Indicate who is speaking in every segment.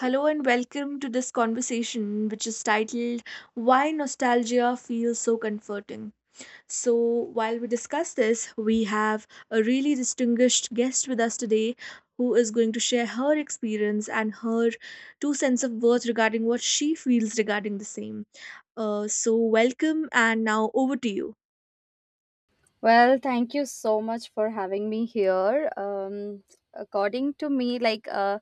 Speaker 1: Hello and welcome to this conversation, which is titled Why Nostalgia Feels So Comforting. So, while we discuss this, we have a really distinguished guest with us today who is going to share her experience and her two cents of worth regarding what she feels regarding the same. So, welcome, and now over to you.
Speaker 2: Well, thank you so much for having me here. According to me, like uh,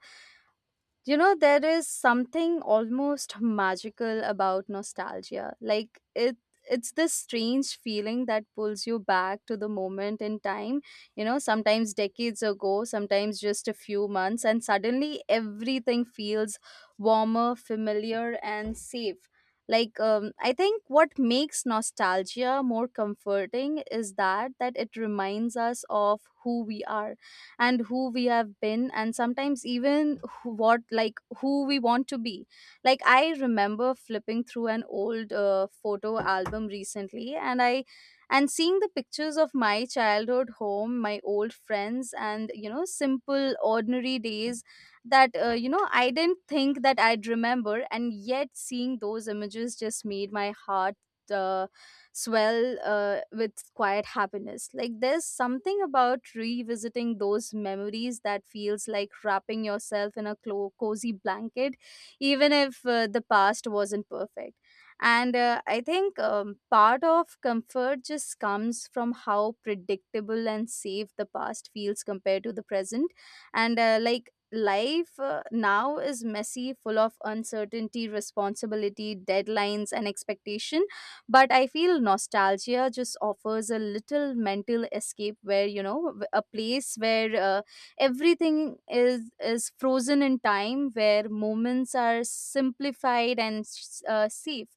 Speaker 2: you know, there is something almost magical about nostalgia. It's this strange feeling that pulls you back to the moment in time, you know, sometimes decades ago, sometimes just a few months, and suddenly everything feels warmer, familiar, and safe. I think what makes nostalgia more comforting is that it reminds us of who we are and who we have been, and sometimes even who, what like who we want to be. Like, I remember flipping through an old photo album recently, and seeing the pictures of my childhood home, my old friends, and, you know, simple ordinary days that, you know, I didn't think that I'd remember, and yet seeing those images just made my heart uh, swell with quiet happiness. Like, there's something about revisiting those memories that feels like wrapping yourself in a cozy blanket, even if the past wasn't perfect. And I think, part of comfort just comes from how predictable and safe the past feels compared to the present. And like, life now is messy, full of uncertainty, responsibility, deadlines, and expectation, but I feel nostalgia just offers a little mental escape where, you know, a place where, everything is frozen in time, where moments are simplified and safe.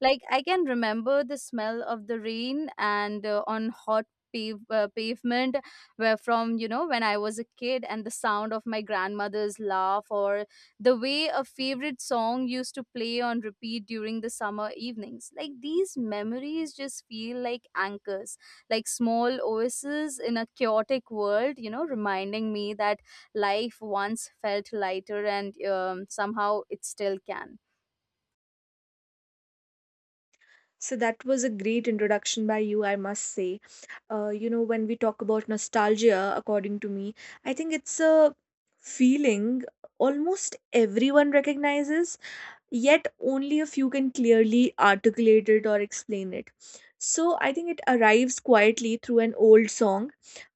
Speaker 2: Like, I can remember the smell of the rain and on hot pavement, where from you know, when I was a kid, and the sound of my grandmother's laugh, or the way a favorite song used to play on repeat during the summer evenings. Like, these memories just feel like anchors, like small oases in a chaotic world, you know, reminding me that life once felt lighter and, somehow it still can.
Speaker 1: So that was a great introduction by you, I must say. When we talk about nostalgia, according to me, I think it's a feeling almost everyone recognizes, yet only a few can clearly articulate it or explain it. So I think it arrives quietly through an old song,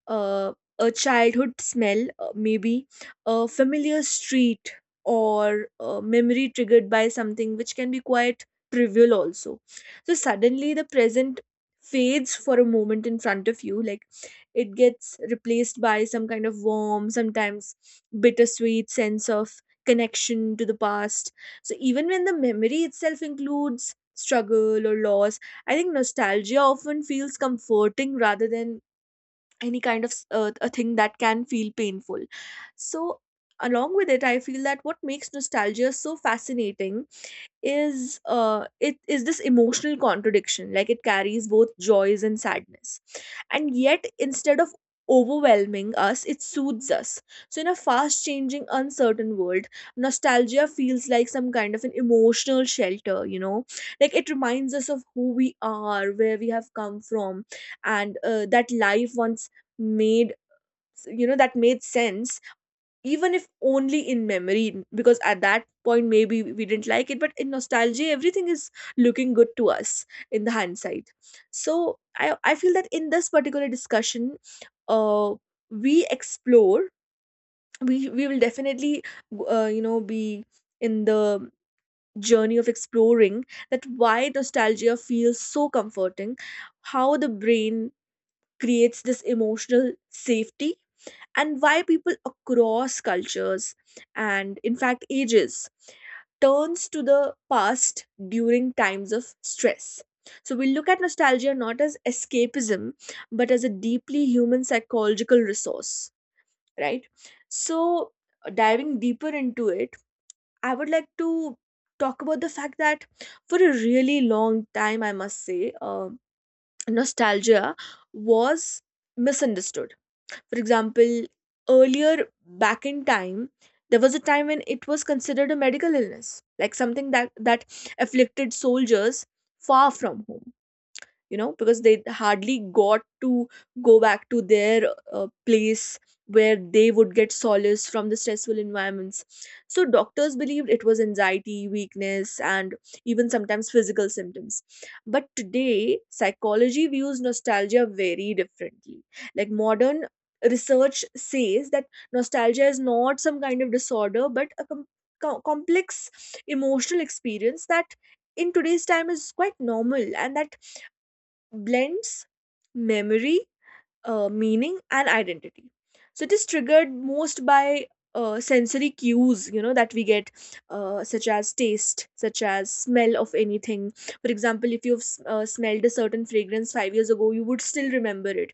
Speaker 1: uh, a childhood smell, maybe a familiar street, or a memory triggered by something which can be quite trivial also. So suddenly the present fades for a moment in front of you, like it gets replaced by some kind of warm, sometimes bittersweet sense of connection to the past. So even when the memory itself includes struggle or loss, I think nostalgia often feels comforting rather than any kind of a thing that can feel painful. So along with it, I feel that what makes nostalgia so fascinating is, it is this emotional contradiction. Like, it carries both joys and sadness, and yet instead of overwhelming us, it soothes us. So in a fast changing, uncertain world, nostalgia feels like some kind of an emotional shelter, like it reminds us of who we are, where we have come from, and that life once made, that made sense, even if only in memory, because at that point maybe we didn't like it, but in nostalgia everything is looking good to us in the hindsight. So I feel that in this particular discussion, uh we explore we will definitely, be in the journey of exploring that why nostalgia feels so comforting, how the brain creates this emotional safety, and why people across cultures and, in fact, ages turns to the past during times of stress. So we look at nostalgia not as escapism, but as a deeply human psychological resource, right? So diving deeper into it, I would like to talk about the fact that for a really long time, I must say, nostalgia was misunderstood. For example, earlier back in time, there was a time when it was considered a medical illness, like something that afflicted soldiers far from home, because they hardly got to go back to their place where they would get solace from the stressful environments. So doctors believed it was anxiety, weakness, and even sometimes physical symptoms. But today, psychology views nostalgia very differently. Like, modern research says that nostalgia is not some kind of disorder, but a complex emotional experience that in today's time is quite normal, and that blends memory, meaning, and identity. So it is triggered most by sensory cues, that we get, such as taste, such as smell of anything. For example, if you've smelled a certain fragrance 5 years ago, you would still remember it.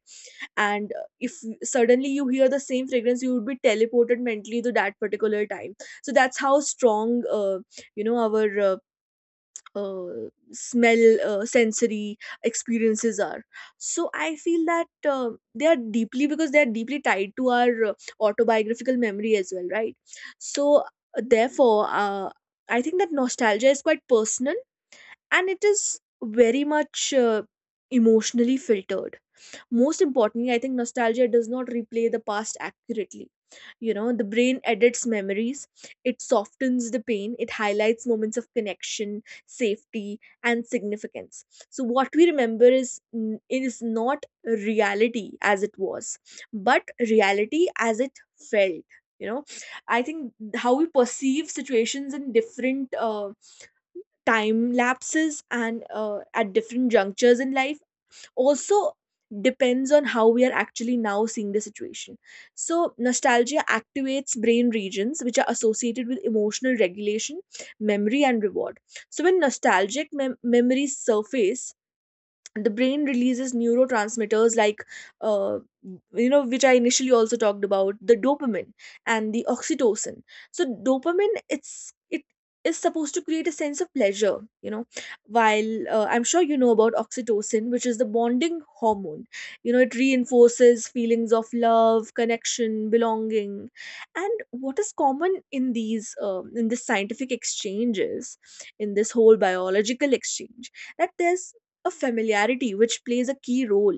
Speaker 1: And if suddenly you hear the same fragrance, you would be teleported mentally to that particular time. So that's how strong, our smell sensory experiences are. So I feel that, they are deeply because they are deeply tied to our autobiographical memory as well, right? So, therefore, I think that nostalgia is quite personal, and it is very much emotionally filtered. Most importantly, I think nostalgia does not replay the past accurately. You know, the brain edits memories, it softens the pain, it highlights moments of connection, safety, and significance. So, what we remember is not reality as it was, but reality as it felt. You know, I think how we perceive situations in different time lapses, and, at different junctures in life, also depends on how we are actually now seeing the situation. So, nostalgia activates brain regions which are associated with emotional regulation, memory, and reward. So, when nostalgic memories surface, the brain releases neurotransmitters like, uh, which I initially also talked about, the dopamine and the oxytocin. So dopamine, it is supposed to create a sense of pleasure, while I'm sure you know about oxytocin, which is the bonding hormone. It reinforces feelings of love, connection, belonging. And what is common in these in this scientific exchanges, in this whole biological exchange, that there's a familiarity which plays a key role.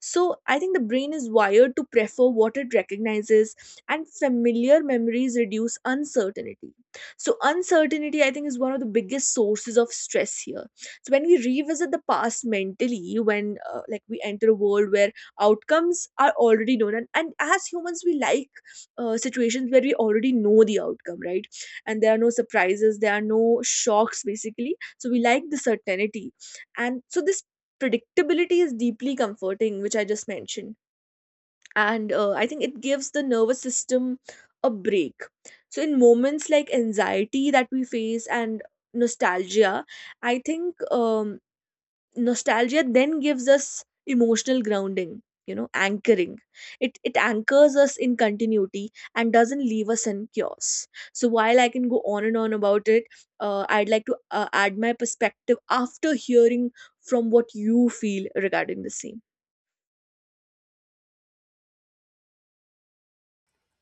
Speaker 1: So I think the brain is wired to prefer what it recognizes, and familiar memories reduce uncertainty. So, uncertainty, I think, is one of the biggest sources of stress here. So, when we revisit the past mentally, when like we enter a world where outcomes are already known, and as humans, we like situations where we already know the outcome, right? And there are no surprises, there are no shocks, basically. So, we like the certainty, and so this predictability is deeply comforting, which I just mentioned. And I think it gives the nervous system a break. So in moments like anxiety that we face, and nostalgia, I think, nostalgia then gives us emotional grounding, anchoring. It anchors us in continuity and doesn't leave us in chaos. So while I can go on and on about it, I'd like to add my perspective after hearing from what you feel regarding the same.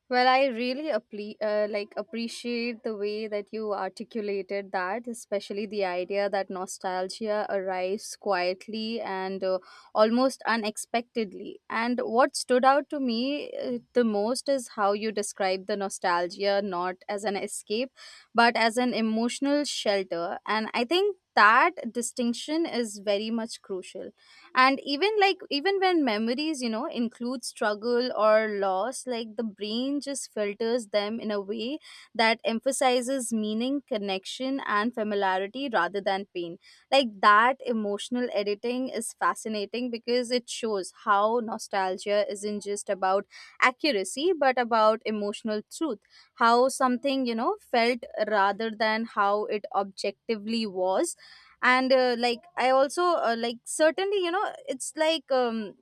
Speaker 2: Well, I really appreciate the way that you articulated that, especially the idea that nostalgia arrives quietly and, almost unexpectedly. And what stood out to me the most is how you describe the nostalgia not as an escape, but as an emotional shelter. And I think that distinction is very much crucial. And even when memories, you know, include struggle or loss, like, the brain just filters them in a way that emphasizes meaning, connection, and familiarity rather than pain. Like, that emotional editing is fascinating because it shows how nostalgia isn't just about accuracy but about emotional truth, how something, you know, felt rather than how it objectively was. And like, I also, like certainly you know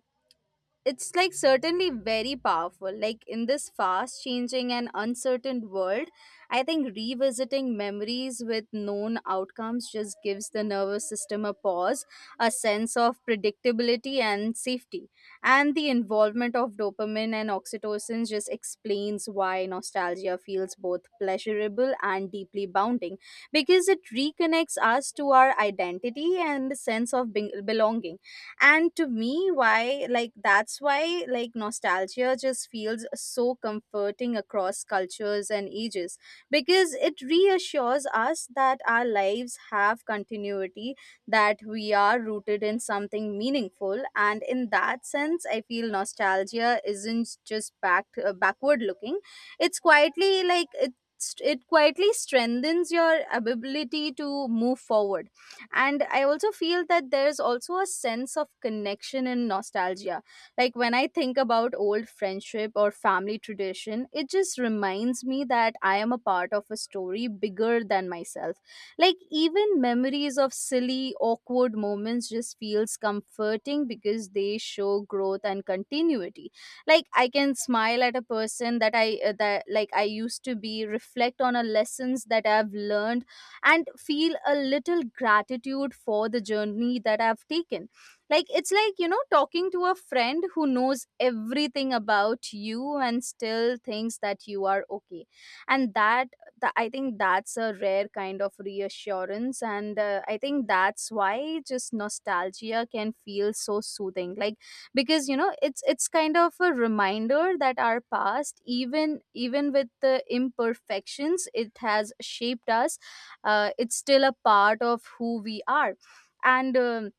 Speaker 2: it's like certainly, very powerful. Like, in this fast changing and uncertain world, I think revisiting memories with known outcomes just gives the nervous system a pause, a sense of predictability and safety. And the involvement of dopamine and oxytocin just explains why nostalgia feels both pleasurable and deeply bounding, because it reconnects us to our identity and the sense of belonging. And to me, why like that's why like nostalgia just feels so comforting across cultures and ages, because it reassures us that our lives have continuity, that we are rooted in something meaningful. And in that sense, I feel nostalgia isn't just backward looking. it's quietly like it it quietly strengthens your ability to move forward. And I also feel that there's also a sense of connection and nostalgia. Like, when I think about old friendship or family tradition, it just reminds me that I am a part of a story bigger than myself. Like, even memories of silly awkward moments just feels comforting because they show growth and continuity. Like, I can smile at a person that I that like I used to be, reflect on a lessons that I've learned, and feel a little gratitude for the journey that I've taken. Like, it's like, you know, talking to a friend who knows everything about you and still thinks that you are okay. And that, I think that's a rare kind of reassurance. And I think that's why just nostalgia can feel so soothing. Like, because, you know, it's kind of a reminder that our past, even with the imperfections, it has shaped us. It's still a part of who we are. And,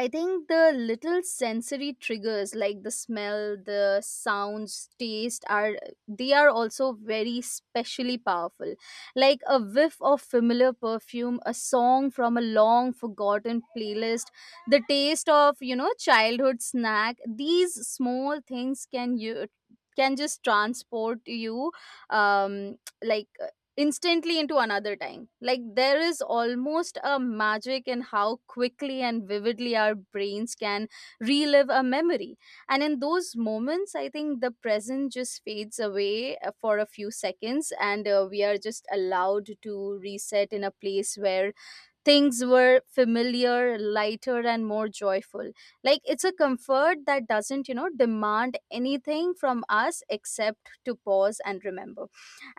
Speaker 2: I think the little sensory triggers, like the smell, the sounds, taste, are, they are also very specially powerful. Like, a whiff of familiar perfume, a song from a long forgotten playlist, the taste of, you know, childhood snack, these small things can just transport you, um like instantly into another time. Like, there is almost a magic in how quickly and vividly our brains can relive a memory. And in those moments, I think the present just fades away, for a few seconds, and, we are just allowed to reset in a place where things were familiar, lighter, and more joyful. Like, it's a comfort that doesn't, you know, demand anything from us except to pause and remember.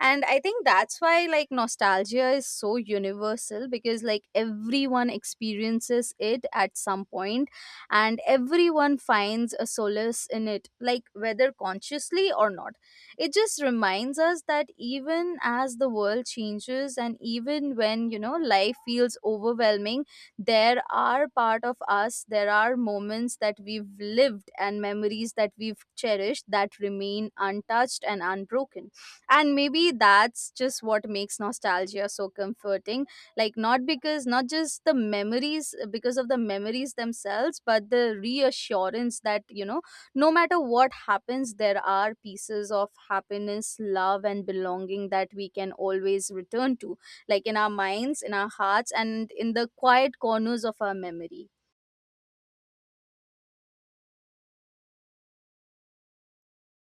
Speaker 2: And I think that's why, like, nostalgia is so universal, because, like, everyone experiences it at some point, and everyone finds a solace in it, like, whether consciously or not. It just reminds us that even as the world changes, and even when, you know, life feels overwhelming, there are part of us, there are moments that we've lived and memories that we've cherished, that remain untouched and unbroken. And maybe that's just what makes nostalgia so comforting, like, not because not just the memories, because of the memories themselves, but the reassurance that, you know, no matter what happens, there are pieces of happiness, love, and belonging that we can always return to, like, in our minds, in our hearts, and in the quiet corners of our memory.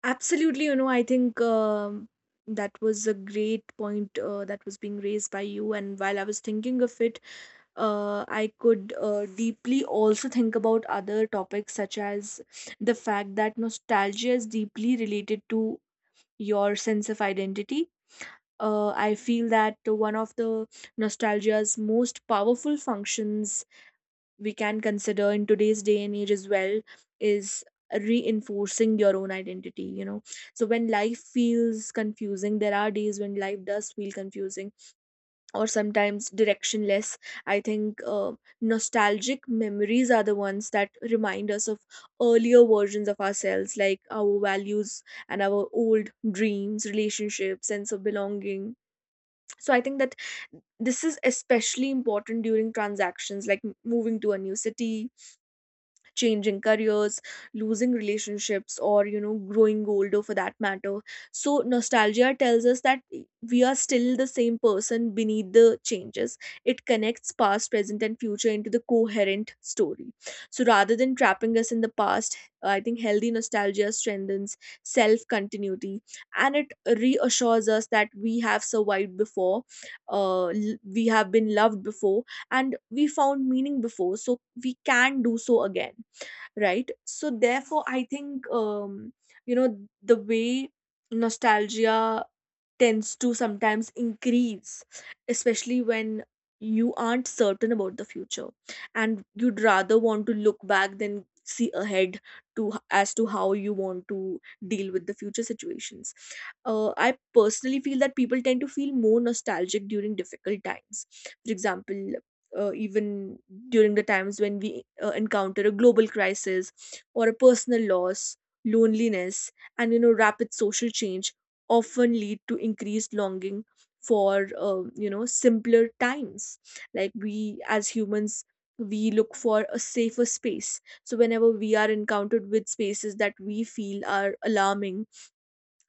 Speaker 1: Absolutely. I think, that was a great point, that was being raised by you. And while I was thinking of it, I could deeply also think about other topics, such as the fact that nostalgia is deeply related to your sense of identity. I feel that one of the nostalgia's most powerful functions we can consider in today's day and age as well is reinforcing your own identity. So when life feels confusing, there are days when life does feel confusing or sometimes directionless. I think nostalgic memories are the ones that remind us of earlier versions of ourselves, like our values and our old dreams, relationships, sense of belonging. So I think that this is especially important during transactions like moving to a new city, changing careers, losing relationships, or growing older for that matter. So nostalgia tells us that we are still the same person beneath the changes. It connects past, present, and future into the coherent story. So rather than trapping us in the past, I think healthy nostalgia strengthens self continuity, and it reassures us that we have survived before, we have been loved before, and we found meaning before, so we can do so again, right? So therefore, I think, the way nostalgia tends to sometimes increase, especially when you aren't certain about the future, and you'd rather want to look back than see ahead, as to how you want to deal with the future situations. I personally feel that people tend to feel more nostalgic during difficult times. For example, even during the times when we encounter a global crisis, or a personal loss, loneliness, and rapid social change often lead to increased longing for simpler times. Like we as humans, we look for a safer space, so whenever we are encountered with spaces that we feel are alarming,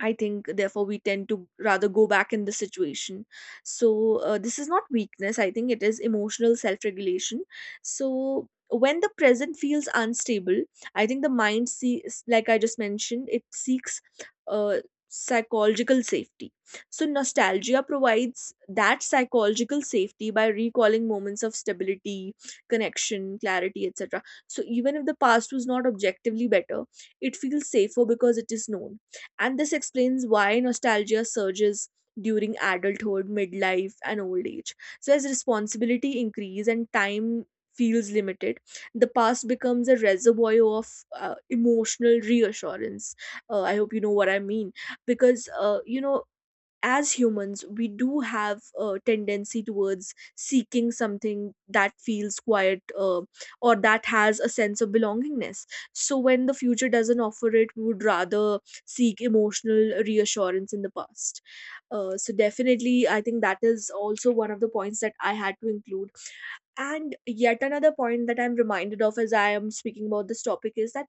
Speaker 1: I think, therefore, we tend to rather go back in the situation. So, this is not weakness. I think it is emotional self regulation. So, when the present feels unstable, I think the mind sees, like I just mentioned, it seeks uh, psychological safety. So, nostalgia provides that psychological safety by recalling moments of stability, connection, clarity, etc. So, even if the past was not objectively better, it feels safer because it is known, and this explains why nostalgia surges during adulthood, midlife, and old age. So, as responsibility increase and time feels limited, the past becomes a reservoir of emotional reassurance. I hope you know what I mean. Because, as humans we do have a tendency towards seeking something that feels quiet, or that has a sense of belongingness. So when the future doesn't offer it, we would rather seek emotional reassurance in the past. So definitely I think that is also one of the points that I had to include. And yet another point that I'm reminded of as I am speaking about this topic is that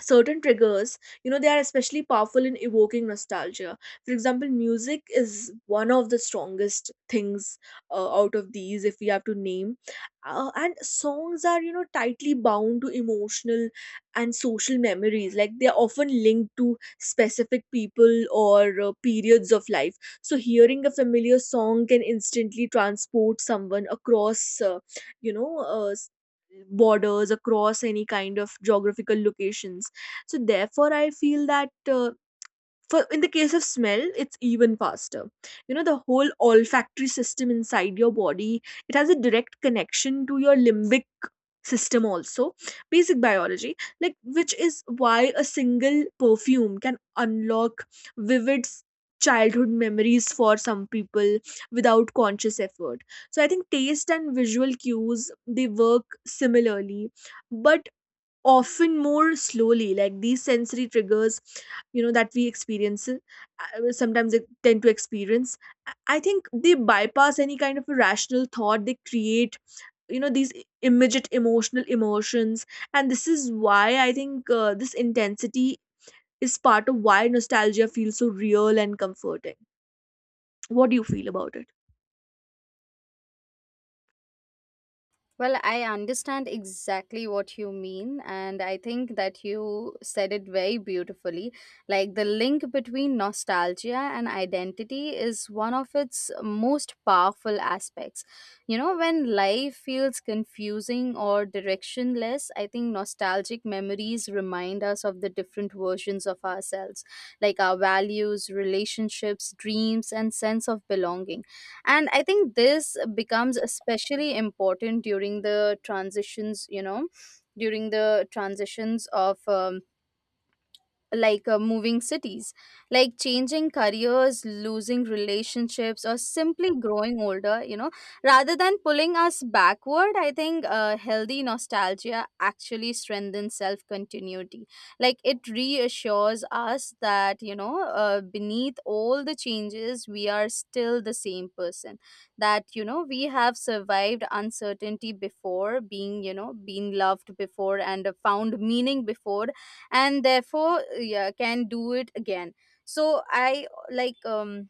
Speaker 1: certain triggers, you know, they are especially powerful in evoking nostalgia. For example, music is one of the strongest things, out of these, if we have to name. And songs are, you know, tightly bound to emotional and social memories, like they are often linked to specific people or periods of life. So hearing a familiar song can instantly transport someone across, you know uh, s- borders, across any kind of geographical locations. So therefore, I feel that for, in the case of smell, it's even faster. You know, the whole olfactory system inside your body, it has a direct connection to your limbic system also, basic biology, like, which is why a single perfume can unlock vivid childhood memories for some people without conscious effort. So I think taste and visual cues, they work similarly, but often more slowly. Like these sensory triggers, you know, that we experience, sometimes they tend to experience, I think they bypass any kind of a rational thought. They create, you know, these immediate emotional emotions. And this is why I think this intensity is part of why nostalgia feels so real and comforting. What do you feel about it?
Speaker 2: Well, I understand exactly what you mean, and I think that you said it very beautifully. Like, the link between nostalgia and identity is one of its most powerful aspects. You know, when life feels confusing or directionless, I think nostalgic memories remind us of the different versions of ourselves, like our values, relationships, dreams, and sense of belonging. And I think this becomes especially important during the transitions, you know, during the transitions of, moving cities, like changing careers, losing relationships, or simply growing older. You know, rather than pulling us backward, I think, healthy nostalgia actually strengthens self continuity. Like, it reassures us that, you know, beneath all the changes, we are still the same person. That, you know, we have survived uncertainty before, being, you know, been loved before, and, found meaning before, and therefore yeah, can do it again. so i like um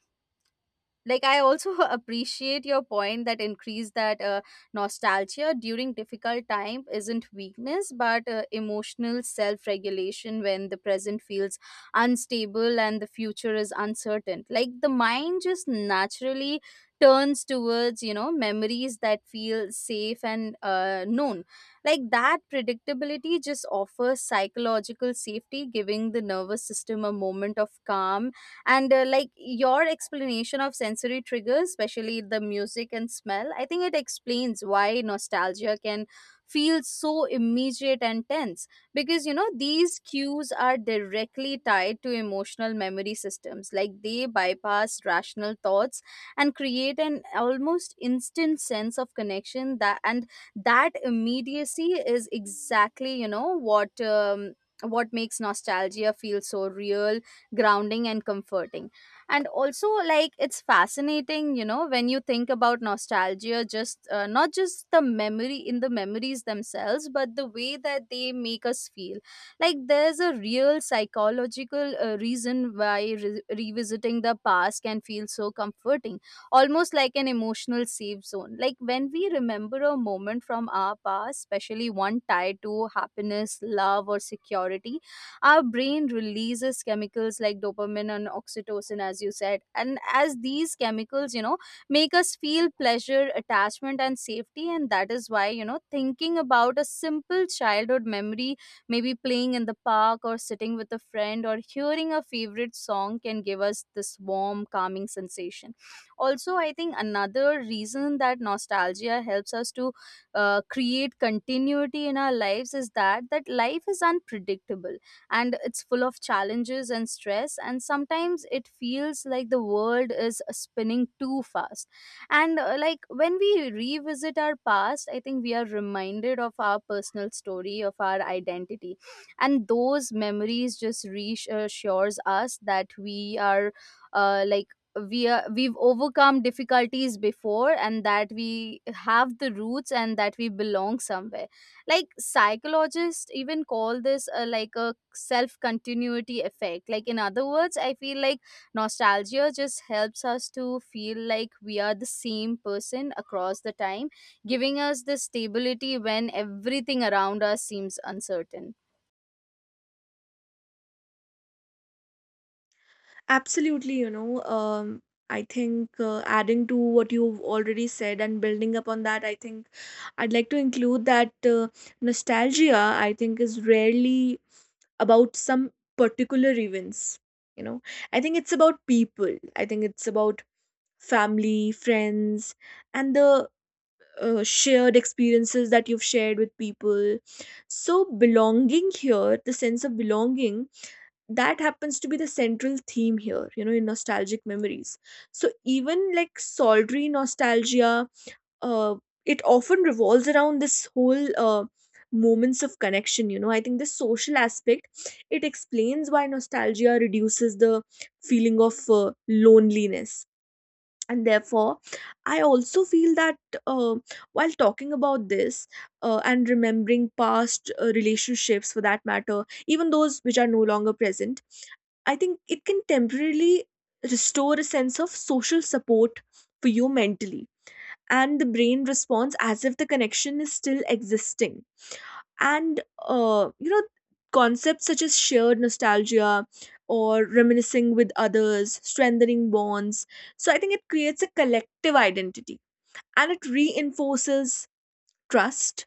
Speaker 2: like i also appreciate your point that increase that nostalgia during difficult time isn't weakness, but, emotional self regulation. When the present feels unstable and the future is uncertain, like, the mind just naturally turns towards, you know, memories that feel safe and, known. Like, that predictability just offers psychological safety, giving the nervous system a moment of calm. And like, your explanation of sensory triggers, especially the music and smell, I think it explains why nostalgia can feel so immediate and tense, because, you know, these cues are directly tied to emotional memory systems. Like, they bypass rational thoughts and create an almost instant sense of connection. That immediacy is exactly, you know, what makes nostalgia feel so real, grounding, and comforting. And also, like, it's fascinating, you know, when you think about nostalgia, just, not just the memory in the memories themselves, but the way that they make us feel. Like, there's a real psychological reason why revisiting the past can feel so comforting, almost like an emotional safe zone. Like, when we remember a moment from our past, especially one tied to happiness, love, or security, our brain releases chemicals like dopamine and oxytocin, as you said, and as these chemicals, you know, make us feel pleasure, attachment, and safety. And that is why, you know, thinking about a simple childhood memory, maybe playing in the park, or sitting with a friend, or hearing a favorite song, can give us this warm, calming sensation. Also, I think another reason that nostalgia helps us to create continuity in our lives is that life is unpredictable, and it's full of challenges and stress, and sometimes it feels like the world is spinning too fast. And like, when we revisit our past, I think we are reminded of our personal story, of our identity, and those memories just reassures us that uh, like we are, we've overcome difficulties before, and that we have the roots, and that we belong somewhere. Like, psychologists even call this a self continuity effect. Like, in other words, I feel like nostalgia just helps us to feel like we are the same person across the time, giving us the stability when everything around us seems uncertain.
Speaker 1: Absolutely, you know. I think, adding to what you've already said and building upon that, I think I'd like to include that nostalgia, I think, is rarely about some particular events. You know, I think it's about people, I think it's about family, friends, and the shared experiences that you've shared with people. So belonging here, the sense of belonging, that happens to be the central theme here, you know, in nostalgic memories. So even like solitary nostalgia, uh, it often revolves around this whole moments of connection. You know, I think the social aspect, it explains why nostalgia reduces the feeling of loneliness. And therefore, I also feel that, uh, while talking about this and remembering past relationships, for that matter, even those which are no longer present, I think it can temporarily restore a sense of social support for you mentally. And the brain responds as if the connection is still existing. And you know, concepts such as shared nostalgia or reminiscing with others strengthening bonds, so I think it creates a collective identity and it reinforces trust.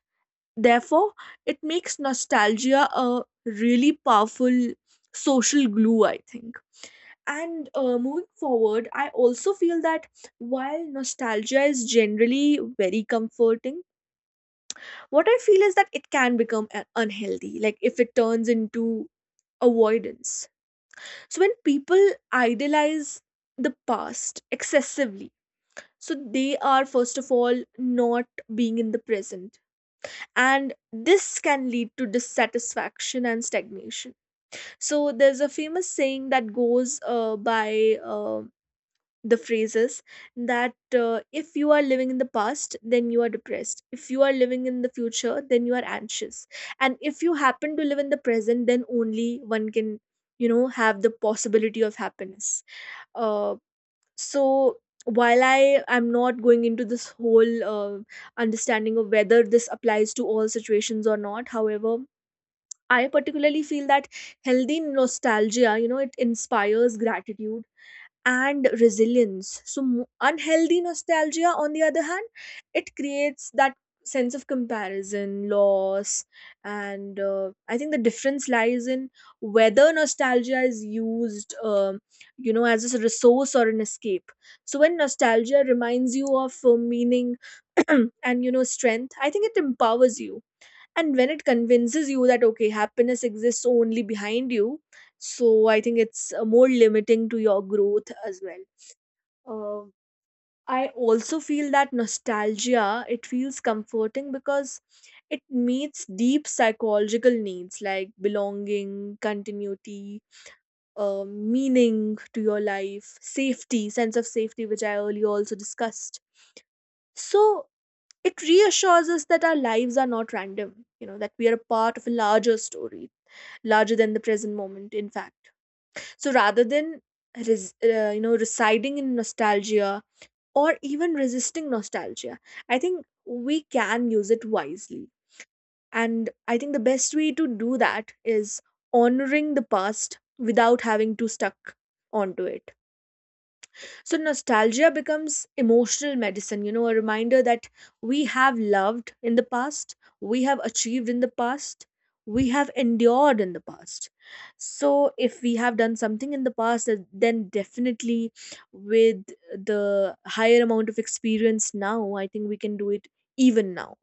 Speaker 1: Therefore, it makes nostalgia a really powerful social glue, I think. And moving forward, I also feel that while nostalgia is generally very comforting, what I feel is that it can become unhealthy, like if it turns into avoidance. So when people idolize the past excessively, so they are, first of all, not being in the present. And this can lead to dissatisfaction and stagnation. So there's a famous saying that goes by, the phrases that if you are living in the past, then you are depressed; if you are living in the future, then you are anxious; and if you happen to live in the present, then only one can, you know, have the possibility of happiness. Uh, so while I am not going into this whole understanding of whether this applies to all situations or not, however, I particularly feel that healthy nostalgia, you know, it inspires gratitude and resilience. So, unhealthy nostalgia, on the other hand, it creates that sense of comparison, loss, and I think the difference lies in whether nostalgia is used, you know, as a resource or an escape. So when nostalgia reminds you of meaning and, you know, strength, I think it empowers you. And when it convinces you that okay, happiness exists only behind you, so I think it's more limiting to your growth as well. Uh, I also feel that nostalgia, it feels comforting because it meets deep psychological needs like belonging, continuity, meaning to your life, safety, sense of safety, which I earlier also discussed. So it reassures us that our lives are not random, you know, that we are a part of a larger story, larger than the present moment, in fact. So rather than you know, residing in nostalgia or even resisting nostalgia, I think we can use it wisely. And I think the best way to do that is honoring the past without having to stuck onto it. So nostalgia becomes emotional medicine, you know, a reminder that we have loved in the past, we have achieved in the past, we have endured in the past. So if we have done something in the past, then definitely, with the higher amount of experience now, I think we can do it even now.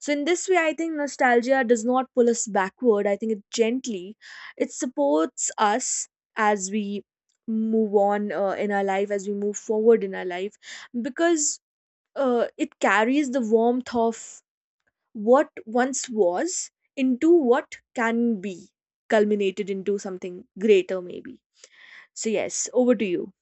Speaker 1: So in this way, I think nostalgia does not pull us backward. I think it gently, it supports us as we move on in our life, as we move forward in our life, because it carries the warmth of what once was into what can be culminated into something greater, maybe. So yes, over to you.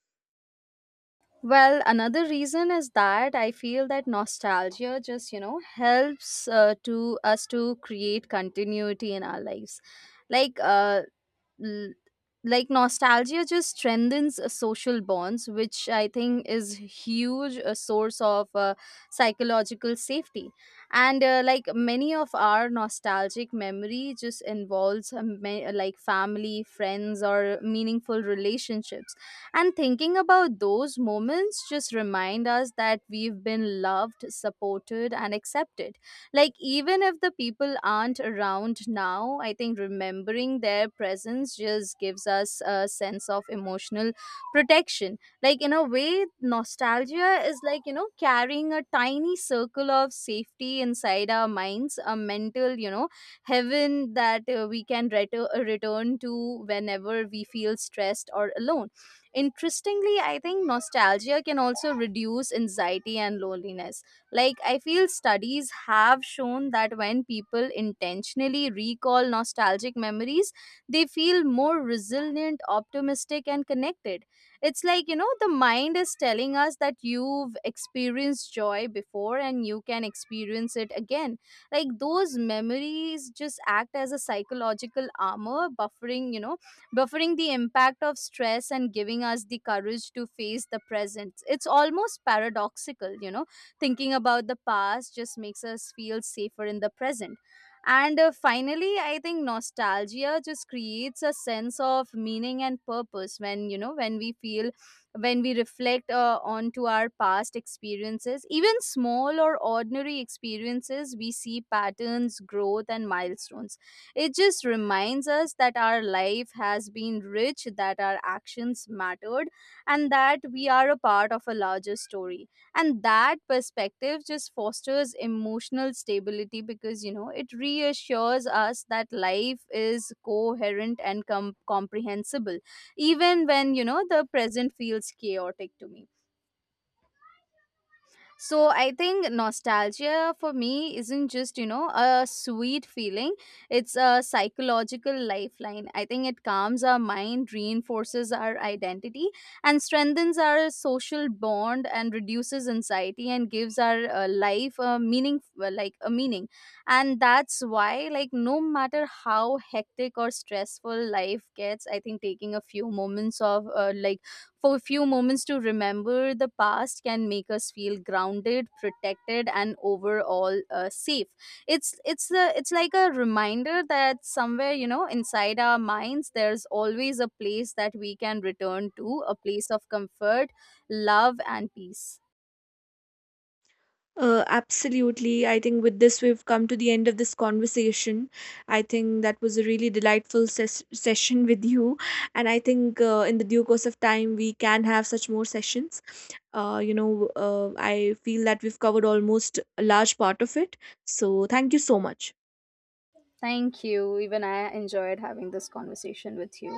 Speaker 2: Well, another reason is that I feel that nostalgia just, you know, helps, to us to create continuity in our lives. Like uh, l- like nostalgia just strengthens, social bonds, which I think is huge a source of, psychological safety. And like, many of our nostalgic memory just involves, family, friends, or meaningful relationships, and thinking about those moments just remind us that we've been loved, supported, and accepted. Like, even if the people aren't around now, I think remembering their presence just gives us a sense of emotional protection. Like, in a way, nostalgia is like, you know, carrying a tiny circle of safety inside our minds, a mental, you know, heaven that, we can return to whenever we feel stressed or alone. Interestingly, I think nostalgia can also reduce anxiety and loneliness. Like, I feel studies have shown that when people intentionally recall nostalgic memories, they feel more resilient, optimistic, and connected. It's like, you know, the mind is telling us that you've experienced joy before, and you can experience it again. Like, those memories just act as a psychological armor, buffering the impact of stress, and giving us the courage to face the present. It's almost paradoxical, you know. Thinking about the past just makes us feel safer in the present. And finally, I think nostalgia just creates a sense of meaning and purpose when, you know, when we reflect, onto our past experiences, even small or ordinary experiences, we see patterns, growth, and milestones. It just reminds us that our life has been rich, that our actions mattered, and that we are a part of a larger story. And that perspective just fosters emotional stability, because, you know, it reassures us that life is coherent and comprehensible, even when, you know, the present feels chaotic to me. So I think nostalgia for me isn't just, you know, a sweet feeling. It's a psychological lifeline. I think it calms our mind, reinforces our identity, and strengthens our social bond, and reduces anxiety, and gives our, life a meaning, a meaning. And that's why, like, no matter how hectic or stressful life gets, I think taking a few moments of, for a few moments to remember the past, can make us feel grounded, protected, and overall, safe. It's like a reminder that somewhere, you know, inside our minds, there's always a place that we can return to, a place of comfort, love, and peace.
Speaker 1: Absolutely. I think with this, we've come to the end of this conversation. I think that was a really delightful session with you. And I think, in the due course of time, we can have such more sessions. I feel that we've covered almost a large part of it. So thank you so much.
Speaker 2: Thank you, even I enjoyed having this conversation with you.